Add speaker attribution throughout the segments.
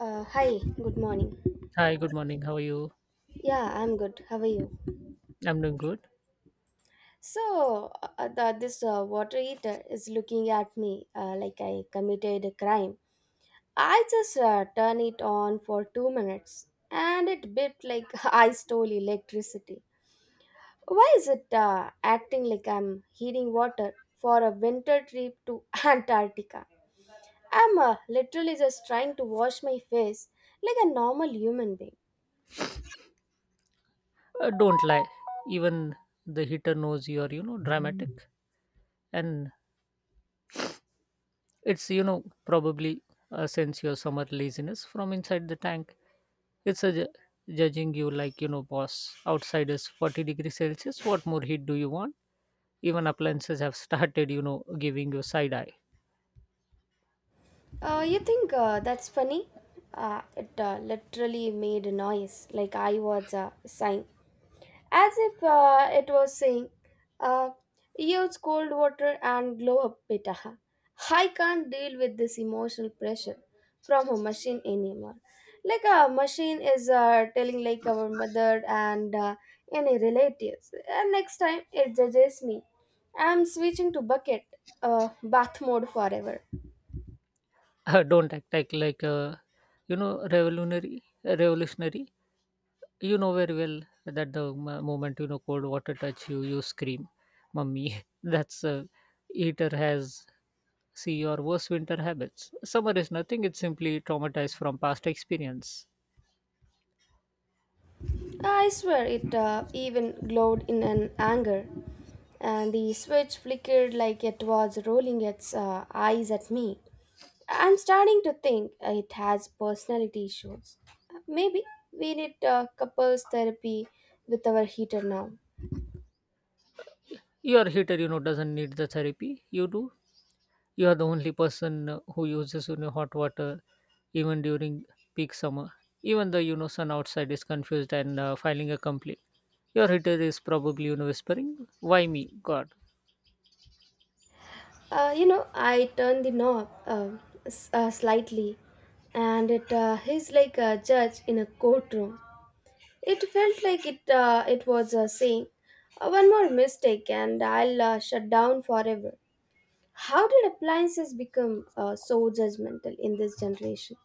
Speaker 1: Hi, good morning.
Speaker 2: Hi, good morning. How are you?
Speaker 1: Yeah, I'm good. How are you?
Speaker 2: I'm doing good.
Speaker 1: So, this water heater is looking at me like I committed a crime. I just turn it on for two minutes and it beeped like I stole electricity. Why is it acting like I'm heating water for a winter trip to Antarctica? I'm literally just trying to wash my face like a normal human being.
Speaker 2: Don't lie. Even the hitter knows you're, you know, dramatic. And it's, you know, probably a sense your summer laziness from inside the tank. It's a judging you like, you know, boss. Outside is 40 degrees Celsius. What more heat do you want? Even appliances have started, you know, giving you side eye.
Speaker 1: You think that's funny? It literally made a noise, like I was sighing, as if it was saying, uh, use cold water and glow up, beta. I can't deal with this emotional pressure from a machine anymore. Like a machine is telling like our mother and any relatives. And next time it judges me, I'm switching to bucket bath mode forever.
Speaker 2: Don't act like, you know, revolutionary. You know very well that the moment you know cold water touch you, you scream, "Mummy!" That's Eater has see your worst winter habits. Summer is nothing; it's simply traumatized from past experience.
Speaker 1: I swear it even glowed in an anger, and the switch flickered like it was rolling its eyes at me. I'm starting to think it has personality issues. Maybe we need couples therapy with our heater now.
Speaker 2: Your heater, you know, doesn't need the therapy. You do. You are the only person who uses you know hot water even during peak summer. Even the you know sun outside is confused and filing a complaint. Your heater is probably you know whispering, "Why me, God?"
Speaker 1: You know, I turned the knob slightly, and it hissed like a judge in a courtroom. It felt like it was saying, "One more mistake and I'll shut down forever." How did appliances become so judgmental in this generation?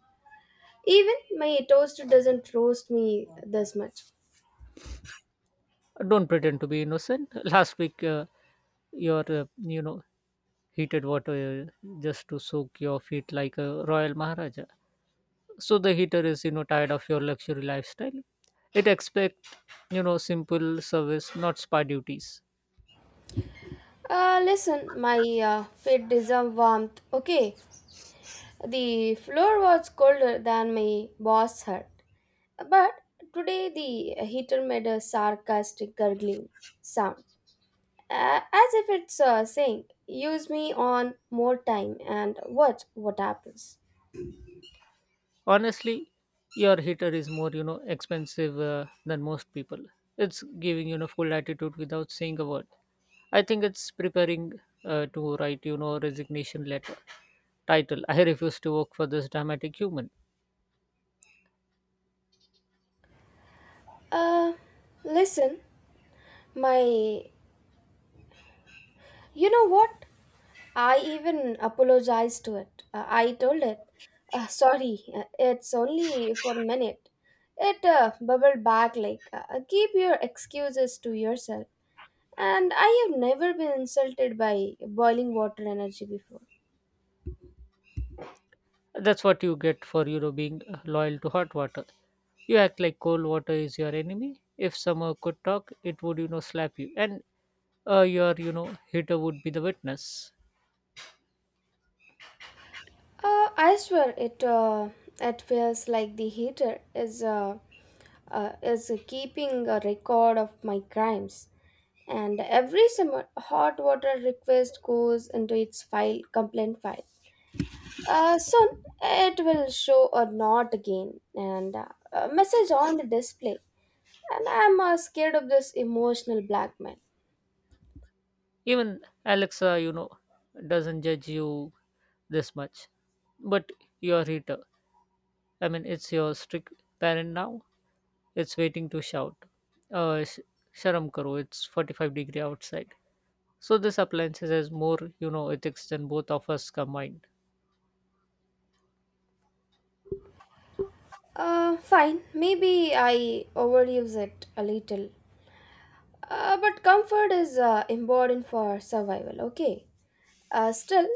Speaker 1: Even my toaster doesn't roast me this much.
Speaker 2: Don't pretend to be innocent. Last week, your you know heated water just to soak your feet like a royal maharaja. So the heater is you know tired of your luxury lifestyle. It expect you know simple service, not spa duties.
Speaker 1: Listen, my feet deserve warmth. Okay, the floor was colder than my boss hurt, but today the heater made a sarcastic gurgling sound. As if it's saying, use me on more time and watch what happens.
Speaker 2: Honestly, your heater is more you know expensive than most people. It's giving you know full attitude without saying a word. I think it's preparing to write you know resignation letter. Title: I refuse to work for this dramatic human.
Speaker 1: Uh, listen, my. You know what? I even apologized to it. I told it, sorry, it's only for a minute. It bubbled back like, keep your excuses to yourself. And I have never been insulted by boiling water energy before.
Speaker 2: That's what you get for you know being loyal to hot water. You act like cold water is your enemy. If summer could talk, it would you know slap you, and your you know hitter would be the witness.
Speaker 1: I swear it feels like the heater is keeping a record of my crimes. And every summer, hot water request goes into its file, complaint file. Soon, it will show a not again and a message on the display. And I'm scared of this emotional blackmail.
Speaker 2: Even Alexa, you know, doesn't judge you this much, but your hitter. I mean, it's your strict parent now. It's waiting to shout. Uh, sh- Sharam karo. It's 45 degree outside. So this appliances has more, you know, ethics than both of us combined.
Speaker 1: Fine, maybe I overuse it a little. But comfort is important for survival, okay? Still,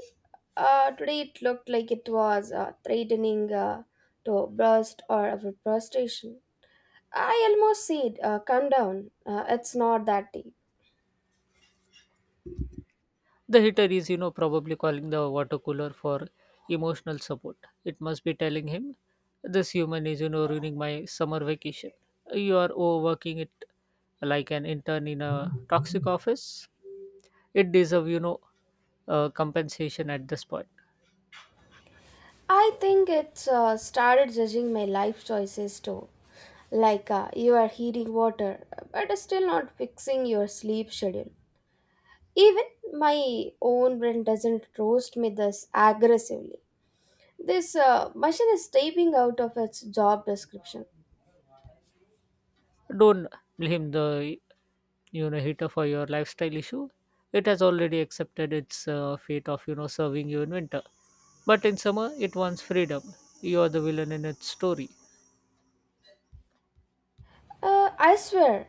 Speaker 1: today it looked like it was threatening to burst or of a frustration. I almost said, "Calm down. It's not that deep."
Speaker 2: The hitter is, you know, probably calling the water cooler for emotional support. It must be telling him, this human is, you know, ruining my summer vacation. You are overworking it like an intern in a toxic office. It deserve, you know, compensation at this point.
Speaker 1: I think it's started judging my life choices too. Like you are heating water, but still not fixing your sleep schedule. Even my own brain doesn't roast me this aggressively. This machine is typing out of its job description.
Speaker 2: Don't blame the, you know, heater for your lifestyle issue. It has already accepted its fate of, you know, serving you in winter. But in summer, it wants freedom. You're the villain in its story.
Speaker 1: I swear,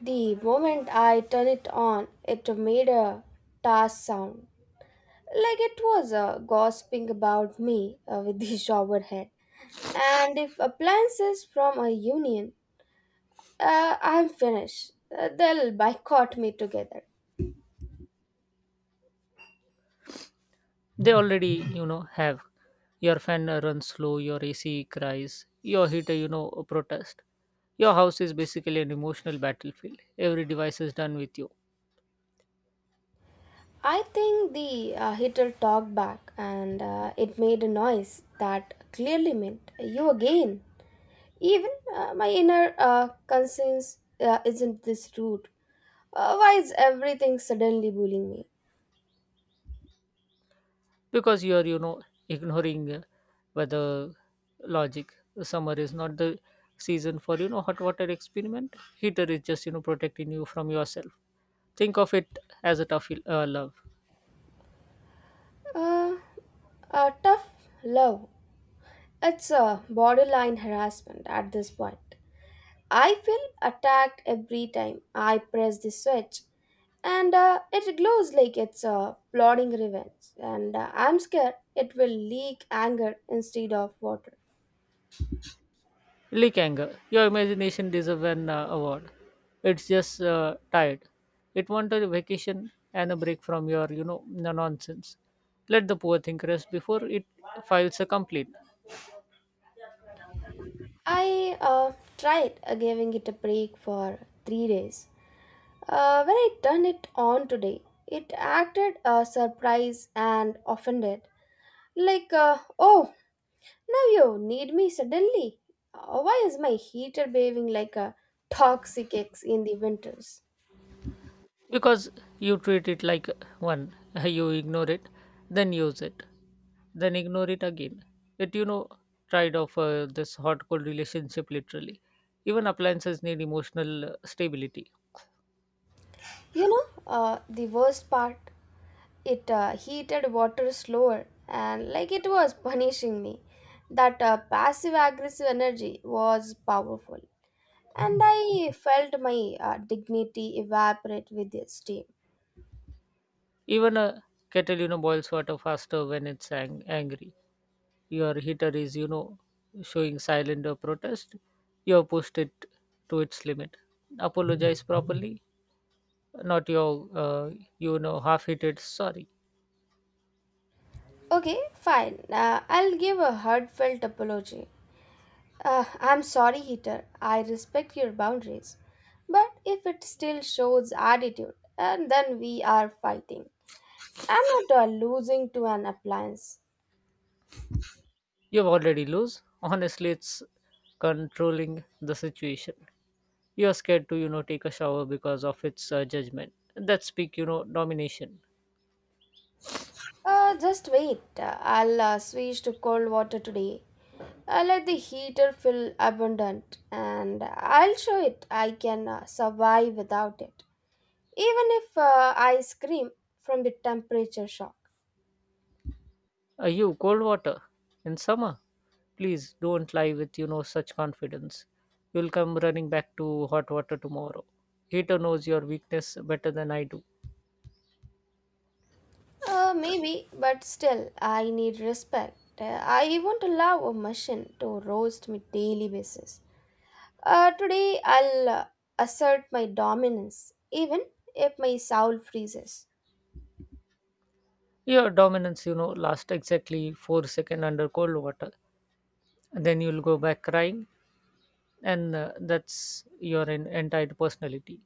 Speaker 1: the moment I turned it on, it made a tarsh sound, like it was gossiping about me with the shower head. And if appliances from a union, I'm finished. They'll boycott me together.
Speaker 2: They already, you know, have. Your fan runs slow, your AC cries, your heater, you know, protest. Your house is basically an emotional battlefield. Every device is done with you
Speaker 1: I think the heater talked back and it made a noise that clearly meant you again. Even my inner conscience isn't this rude. Why is everything suddenly bullying me?
Speaker 2: because you are, you know, ignoring weather logic. Summer is not the season for, you know, hot water experiment. Heater is just, you know, protecting you from yourself. Think of it as a tough love.
Speaker 1: Uh, Tough love. It's a borderline harassment at this point. I feel attacked every time I press the switch, and it glows like it's plotting revenge. And I'm scared it will leak anger instead of water.
Speaker 2: Likanger, your imagination deserves an award. It's just tired. It wants a vacation and a break from your, you know, nonsense. Let the poor thing rest before it files a complaint.
Speaker 1: I tried giving it a break for three days. When I turned it on today, it acted surprised and offended. Like, oh, now you need me suddenly. Why is my heater behaving like a toxic ex in the winters?
Speaker 2: Because you treat it like one, you ignore it, then use it, then ignore it again. It, you know, tried off this hot cold relationship literally. Even appliances need emotional stability.
Speaker 1: You know, the worst part, it heated water slower and like it was punishing me. That passive aggressive energy was powerful, and I felt my dignity evaporate with the steam.
Speaker 2: Even a kettle, you know, boils water faster when it's angry. Your heater is, you know, showing silent protest. You have pushed it to its limit. Apologize properly, not your, you know, half-heated sorry.
Speaker 1: Okay, fine. I'll give a heartfelt apology. I'm sorry, Heater. I respect your boundaries. But if it still shows attitude, and then we are fighting. I'm not losing to an appliance.
Speaker 2: You've already lose. Honestly, it's controlling the situation. You're scared to, you know, take a shower because of its judgment. That speak, you know, domination.
Speaker 1: Just wait. I'll switch to cold water today. I let the heater feel abundant and I'll show it I can survive without it. Even if I scream from the temperature shock.
Speaker 2: You, cold water in summer. Please don't lie with you know such confidence. You'll come running back to hot water tomorrow. Heater knows your weakness better than I do.
Speaker 1: Maybe, but still, I need respect. I won't allow a machine to roast me daily basis. Today, I'll assert my dominance, even if my soul freezes.
Speaker 2: Your dominance, you know, lasts exactly 4 seconds under cold water. Then you'll go back crying, and that's your entire personality.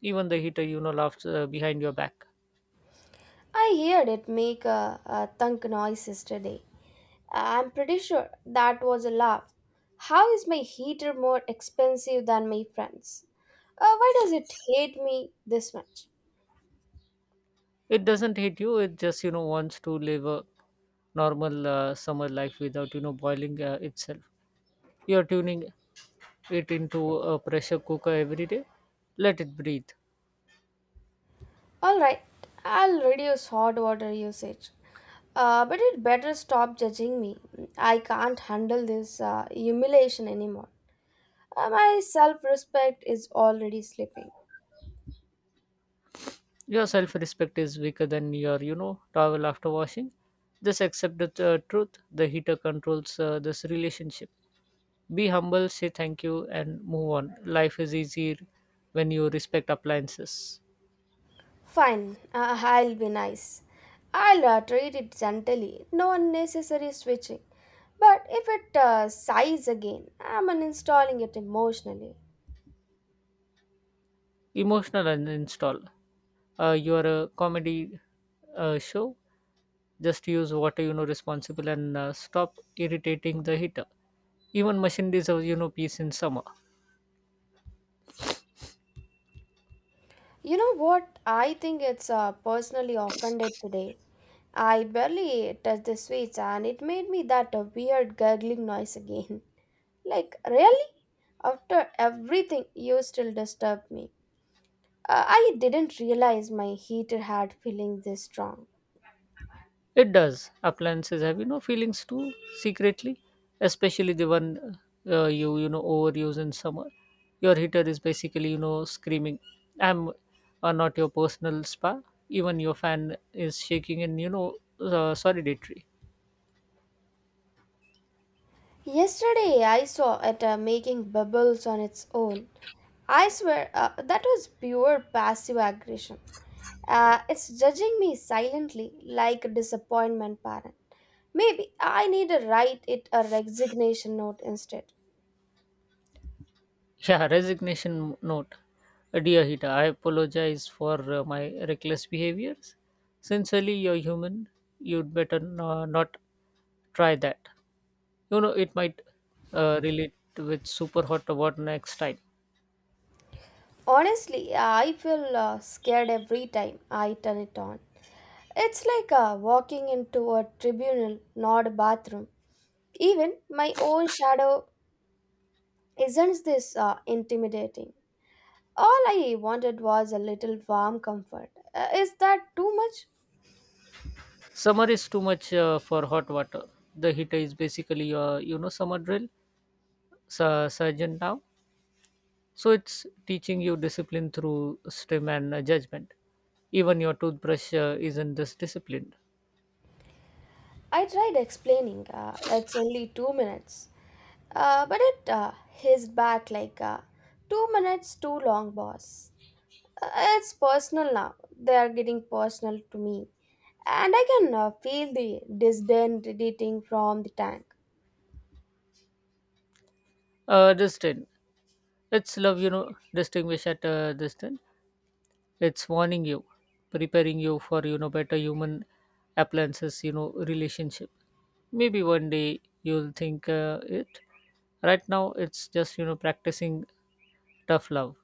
Speaker 2: Even the heater, you know, laughs behind your back.
Speaker 1: I heard it make a thunk noise yesterday. I'm pretty sure that was a laugh. How is my heater more expensive than my friends? Why does it hate me this much?
Speaker 2: It doesn't hit you. It just you know wants to live a normal summer life without you know boiling itself. You are tuning it into a pressure cooker every day. Let it breathe.
Speaker 1: Alright, I'll reduce hot water usage. But it better stop judging me. I can't handle this humiliation anymore. My self respect is already slipping.
Speaker 2: Your self-respect is weaker than your you know towel after washing. Just accept the truth. The heater controls this relationship. Be humble. Say thank you and move on. Life is easier when you respect appliances.
Speaker 1: Fine, I'll be nice. I'll treat it gently, no unnecessary switching. But if it sighs again, I'm uninstalling it emotionally.
Speaker 2: Emotional uninstall. Your comedy show. Just use water, you know, responsible and stop irritating the heater. Even machine deserves, you know, peace in summer.
Speaker 1: You know what? I think it's personally offended today. I barely touched the switch and it made me that weird gurgling noise again. Like, really? After everything, you still disturb me. I didn't realize my heater had feelings this strong.
Speaker 2: It does. Appliances have, you know, feelings too, secretly, especially the one you, you know, overuse in summer. Your heater is basically, you know, screaming, I'm not your personal spa. Even your fan is shaking and, you know, solidatory.
Speaker 1: Yesterday, I saw it making bubbles on its own. I swear, that was pure passive aggression. It's judging me silently like a disappointment parent. Maybe I need to write it a resignation note instead.
Speaker 2: Yeah, resignation note. Dear Hita, I apologize for my reckless behaviors. Sincerely, you're human. You'd better no, not try that. You know, it might relate with super hot water next time.
Speaker 1: Honestly, I feel scared every time I turn it on. It's like walking into a tribunal, not a bathroom. Even my own shadow isn't this intimidating. All I wanted was a little warm comfort. Is that too much?
Speaker 2: Summer is too much for hot water. The heater is basically your, you know, summer drill surgeon now. So it's teaching you discipline through STEM and judgment. Even your toothbrush isn't this disciplined.
Speaker 1: I tried explaining. It's only two minutes. But it hissed back like two minutes too long, boss. Uh, it's personal now. They are getting personal to me. And I can feel the disdain radiating from the tank.
Speaker 2: Justin, it's love, you know, distinguish at this thing. It's warning you, preparing you for, you know, better human appliances, you know, relationship. Maybe one day you'll think it. Right now, it's just, you know, practicing tough love.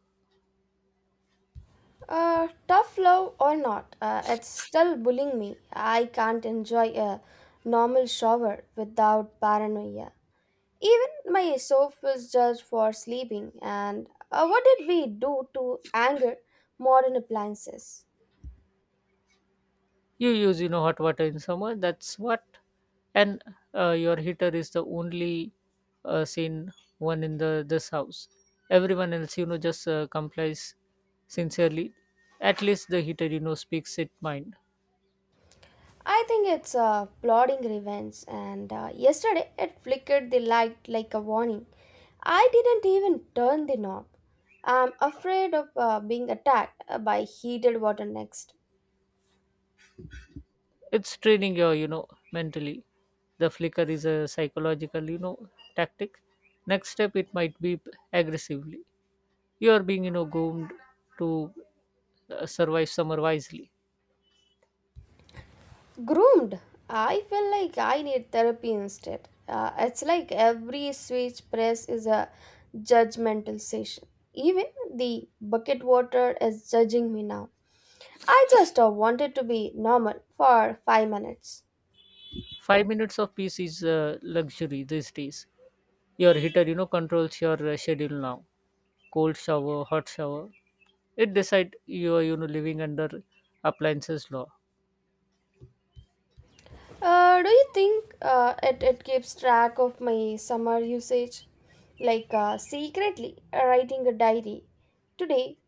Speaker 1: Tough love or not, it's still bullying me. I can't enjoy a normal shower without paranoia. Even my soap was judged for sleeping. And what did we do to anger modern appliances?
Speaker 2: You use, you know, hot water in summer. That's what. And your heater is the only seen one in the this house. Everyone else, you know, just complies sincerely. At least the heater, you know, speaks its mind.
Speaker 1: I think it's plotting revenge. And yesterday it flickered the light like a warning. I didn't even turn the knob. I'm afraid of being attacked by heated water next.
Speaker 2: It's training your, you know, mentally. The flicker is a psychological, you know, tactic. Next step, it might be aggressively. You are being, you know, groomed to survive summer wisely.
Speaker 1: Groomed, I feel like I need therapy instead. It's like every switch press is a judgmental session. Even the bucket water is judging me now. I just wanted to be normal for five minutes.
Speaker 2: 5 minutes of peace is a luxury these days. Your heater, you know, controls your schedule now. Cold shower, hot shower. It decide you are, you know, living under appliances law.
Speaker 1: Do you think it keeps track of my summer usage like secretly writing a diary today?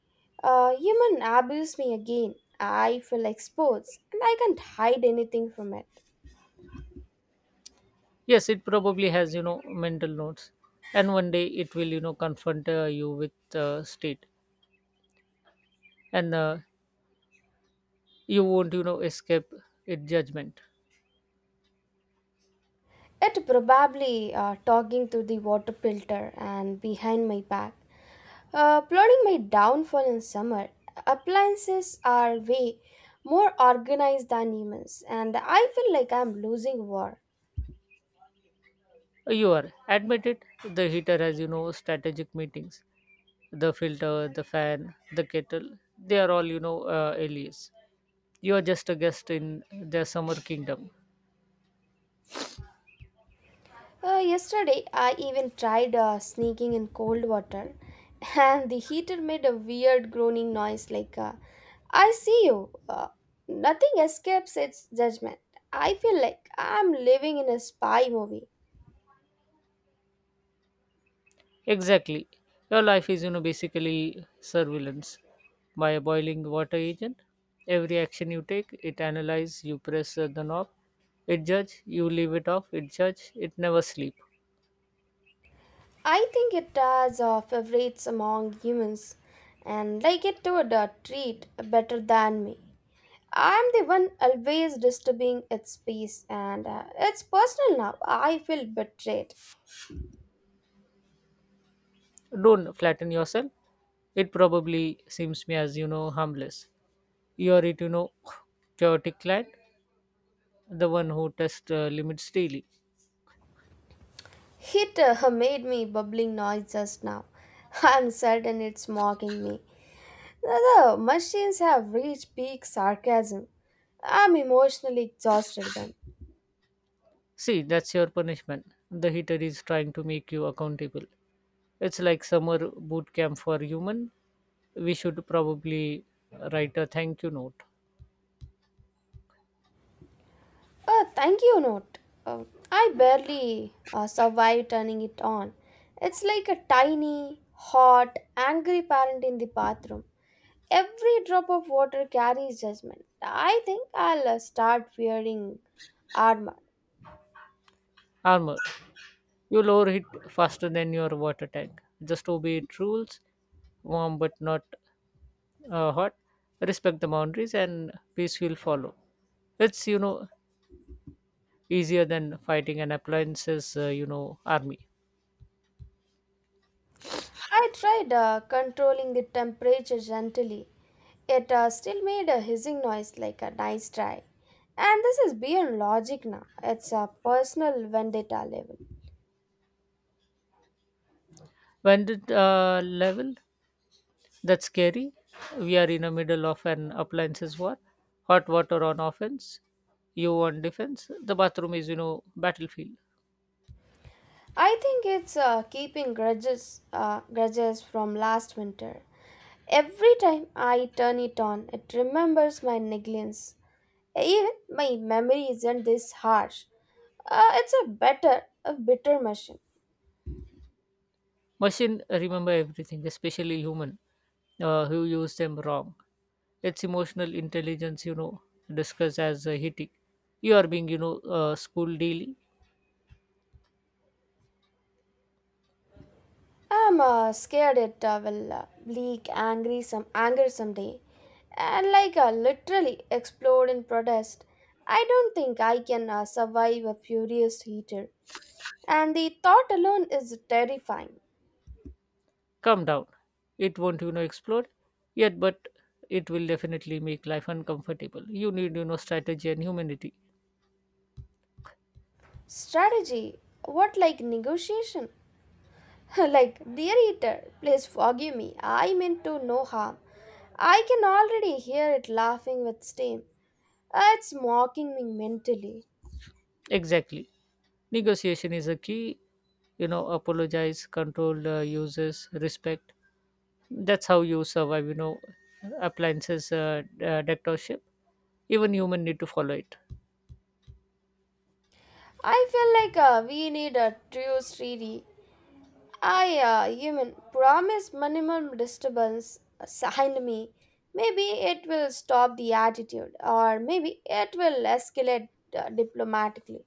Speaker 1: Human abused me again. I feel exposed and I can't hide anything from it.
Speaker 2: Yes, it probably has, you know, mental notes. And one day it will, you know, confront you with state. And you won't, you know, escape it judgment.
Speaker 1: It probably talking to the water filter and behind my back, plotting my downfall in summer. Appliances are way more organized than humans, and I feel like I'm losing war.
Speaker 2: You are admitted. The heater has, you know, strategic meetings the filter, the fan, the kettle, they are all, you know, alias. You are just a guest in their summer kingdom.
Speaker 1: Yesterday, I even tried sneaking in cold water, and the heater made a weird groaning noise like, I see you. Nothing escapes its judgment. I feel like I'm living in a spy movie.
Speaker 2: Exactly. Your life is, you know, basically surveillance by a boiling water agent. Every action you take, it analyzes, you press the knob, it judge, you leave it off, it judge, it never sleep.
Speaker 1: I think it does favorites among humans, and like it would treat better than me. I'm the one always disturbing its peace, and it's personal now. I feel betrayed.
Speaker 2: Don't flatten yourself. It probably seems me as, you know, harmless. You are it, you know, chaotic client, the one who tests limits daily.
Speaker 1: It made me bubbling noise just now. I'm certain it's mocking me. The machines have reached peak sarcasm. I'm emotionally exhausted then.
Speaker 2: See, that's your punishment. The heater is trying to make you accountable. It's like summer boot camp for human. We should probably write a thank you note.
Speaker 1: A thank you note. Uh, I barely survived turning it on. It's like a tiny, hot, angry parent in the bathroom. Every drop of water carries judgment. I think I'll start wearing armor.
Speaker 2: Armor, you'll overheat faster than your water tank. Just obey its rules. Warm but not hot. Respect the boundaries and peace will follow. It's, you know, easier than fighting an appliances, you know, army.
Speaker 1: I tried controlling the temperature gently. It still made a hissing noise like a nice try. And this is beyond logic now. It's a personal vendetta level.
Speaker 2: When did level? That's scary. We are in the middle of an appliances war. Hot water on offense, you on defense. The bathroom is, you know, battlefield.
Speaker 1: I think it's keeping grudges, grudges from last winter. Every time I turn it on, it remembers my negligence. Even my memory isn't this harsh. It's a better, a bitter machine.
Speaker 2: Machine remember everything, especially human who use them wrong. It's emotional intelligence, you know, discussed as heating. You are being, you know, school daily.
Speaker 1: I'm scared it will leak angry some anger someday, and like literally explode in protest. I don't think I can survive a furious heater, and the thought alone is terrifying.
Speaker 2: Calm down. It won't, you know, explode yet, but it will definitely make life uncomfortable. You need, you know, strategy and humanity.
Speaker 1: Strategy? What like negotiation? Like, dear eater, please forgive me. I meant to no harm. I can already hear it laughing with steam. It's mocking me mentally.
Speaker 2: Exactly. Negotiation is a key, you know, apologize, control uses, respect. That's how you survive, you know, appliances dictatorship. Even human need to follow it.
Speaker 1: I feel like we need a true treaty. I, human, promise minimum disturbance. Sign me. Maybe it will stop the attitude, or maybe it will escalate diplomatically.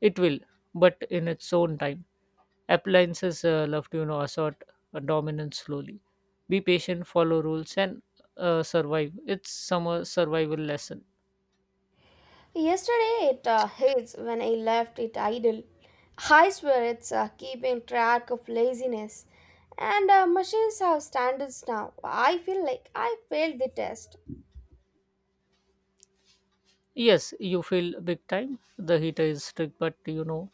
Speaker 2: It will, but in its own time. Appliances love to, you know, assert dominance slowly. Be patient, follow rules, and survive. It's some survival lesson.
Speaker 1: Yesterday it hits when I left it idle. I swear it's keeping track of laziness. And machines have standards now. I feel like I failed the test.
Speaker 2: Yes, you feel big time. The heater is strict, but you know,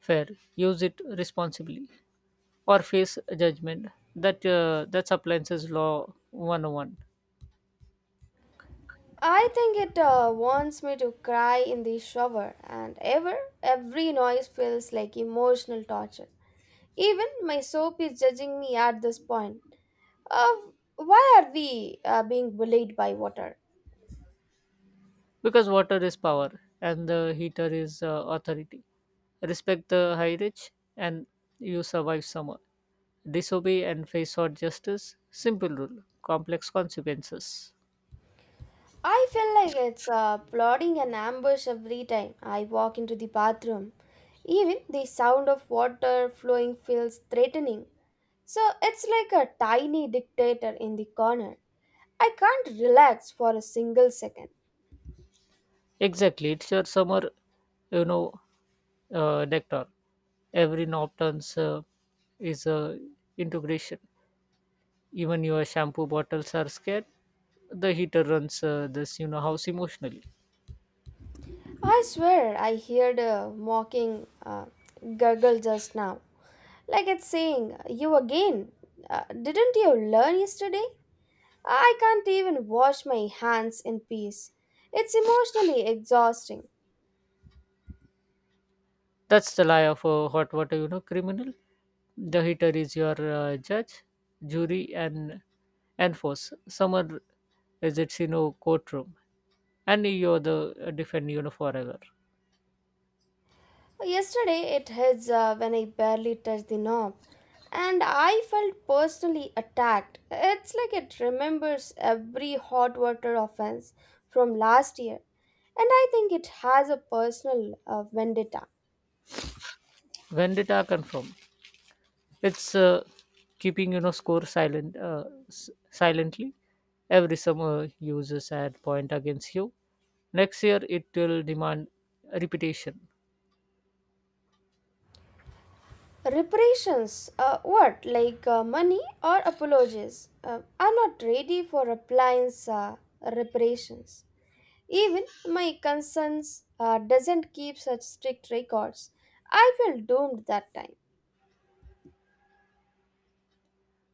Speaker 2: fair. Use it responsibly or face judgment. That's appliances law 101
Speaker 1: I think it wants me to cry in the shower, and every noise feels like emotional torture. Even my soap is judging me at this point. Uh, why are we being bullied by water?
Speaker 2: because water is power and the heater is authority. Respect the high rich and you survive summer. Disobey and face hot justice. Simple rule, complex consequences.
Speaker 1: I feel like it's plotting an ambush every time I walk into the bathroom. Even the sound of water flowing feels threatening. So it's like a tiny dictator in the corner. I can't relax for a single second.
Speaker 2: Exactly, it's your summer, you know, nectar. Every knob turns is integration. Even your shampoo bottles are scared. The heater runs this, you know, house emotionally.
Speaker 1: I swear I heard a mocking gurgle just now. Like it's saying, "You again? Didn't you learn yesterday?" I can't even wash my hands in peace. It's emotionally exhausting.
Speaker 2: That's the lie of a hot water, you know, criminal. The heater is your judge, jury, and force. Summer is its, you know, courtroom, and you're the defend, you know, forever.
Speaker 1: Well, yesterday it hits when I barely touched the knob, and I felt personally attacked. It's like it remembers every hot water offense from last year, and I think it has a personal vendetta.
Speaker 2: Vendetta confirmed. It's keeping you know score silently. Every summer uses add point against you. Next year it will demand repetition.
Speaker 1: Reparations, what, like money or apologies? I'm not ready for appliance reparations. Even my conscience doesn't keep such strict records. I felt doomed that time.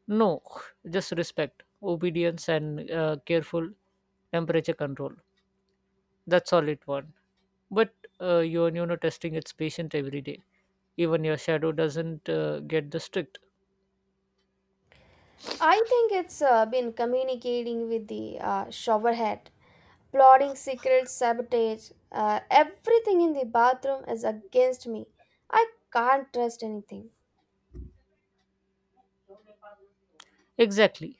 Speaker 2: No, just respect, obedience, and careful temperature control. That's all it wants. But you you know testing its patient every day. Even your shadow doesn't get the strict.
Speaker 1: I think it's been communicating with the showerhead, plotting secret sabotage. Everything in the bathroom is against me. I can't trust anything.
Speaker 2: Exactly.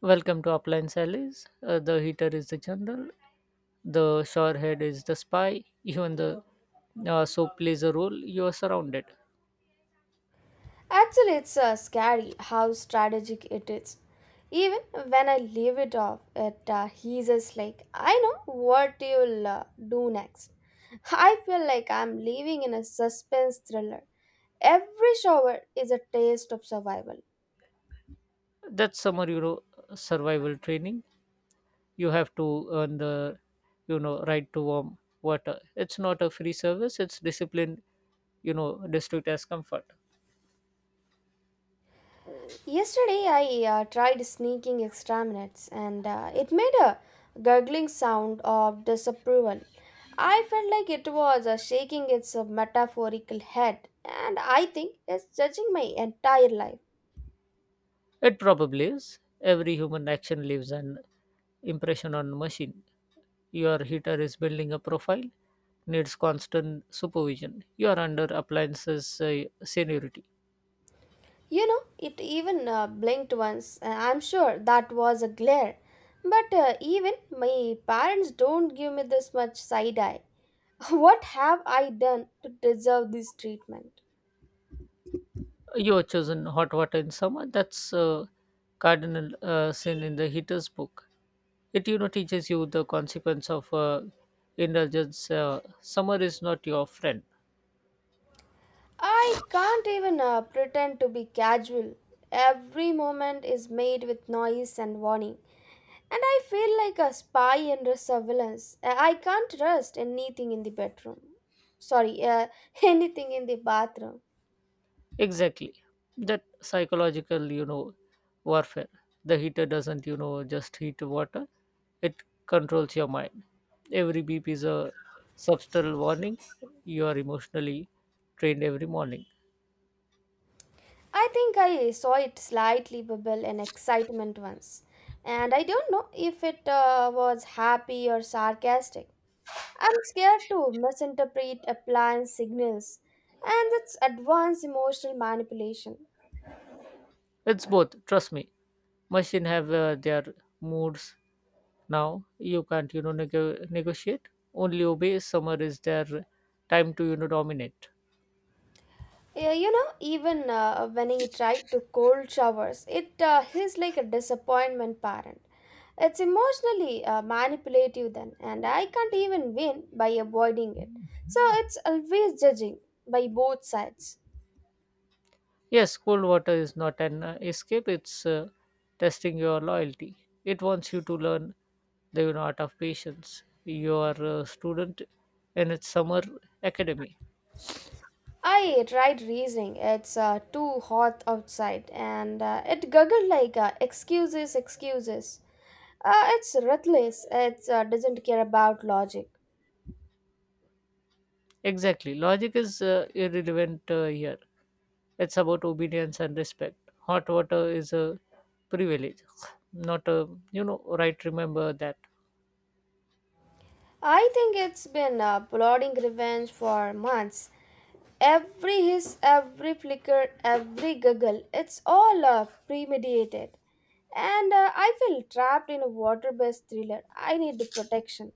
Speaker 2: Welcome to Appliance Allies. The heater is the general, the showerhead is the spy, even the soap plays a role. You are surrounded.
Speaker 1: Actually, it's scary how strategic it is. Even when I leave it off, it heases like, "I know what you'll do next." I feel like I'm living in a suspense thriller. Every shower is a taste of survival.
Speaker 2: That's summer, you know, survival training. You have to earn the, you know, right to warm water. It's not a free service. It's disciplined, you know, district as comfort.
Speaker 1: Yesterday, I tried sneaking extra minutes and it made a gurgling sound of disapproval. I felt like it was shaking its metaphorical head, and I think it's judging my entire life.
Speaker 2: It probably is. Every human action leaves an impression on machine. Your heater is building a profile, needs constant supervision. You are under appliances seniority.
Speaker 1: You know, it even blinked once, and I'm sure that was a glare. But even my parents don't give me this much side eye. What have I done to deserve this treatment?
Speaker 2: You have chosen hot water in summer. That's a cardinal sin in the heater's book. It you know teaches you the consequence of indulgence. Summer is not your friend.
Speaker 1: I can't even pretend to be casual. Every moment is made with noise and warning, and I feel like a spy under surveillance. I can't trust anything in the bedroom. Sorry, anything in the bathroom.
Speaker 2: Exactly. That psychological, you know, warfare. The heater doesn't you know just heat water. It controls your mind. Every beep is a subtle warning. You are emotionally trained every morning.
Speaker 1: I think I saw it slightly bubble in excitement once, and I don't know if it was happy or sarcastic. I'm scared to misinterpret appliance signals, and that's advanced emotional manipulation.
Speaker 2: It's both. Trust me, machine have their moods now. You can't you know negotiate, only obey. Summer is their time to you know dominate.
Speaker 1: Yeah, you know, even when he tried to cold showers, it he's like a disappointment parent. It's emotionally manipulative then, and I can't even win by avoiding it. So it's always judging by both sides.
Speaker 2: Yes, cold water is not an escape. It's testing your loyalty. It wants you to learn the, you know, art of patience. You are a student in its summer academy.
Speaker 1: I tried reasoning. It's too hot outside, and it guggled like excuses, excuses. It's ruthless. It doesn't care about logic.
Speaker 2: Exactly, logic is irrelevant here. It's about obedience and respect. Hot water is a privilege, not a you know right. Remember that.
Speaker 1: I think it's been plotting revenge for months. Every hiss, every flicker, every giggle, it's all premeditated. And I feel trapped in a water based thriller. I need the protection.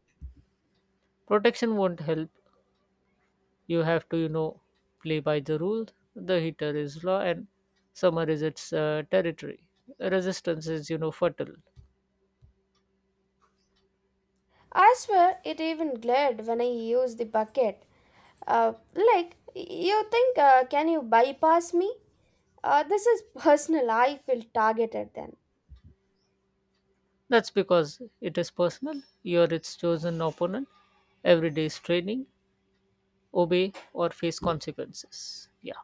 Speaker 2: Protection won't help. You have to you know play by the rules. The heater is law and summer is its territory. Resistance is you know fertile.
Speaker 1: I swear it even glared when I used the bucket. Like, you think, can you bypass me? This is personal. I feel targeted then.
Speaker 2: That's because it is personal. You're its chosen opponent. Every day is training. Obey or face consequences. Yeah,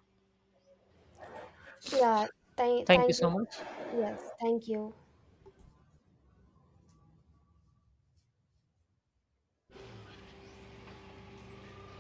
Speaker 1: Yeah,
Speaker 2: thank you
Speaker 1: thank you.
Speaker 2: so much.
Speaker 1: Yes, thank you.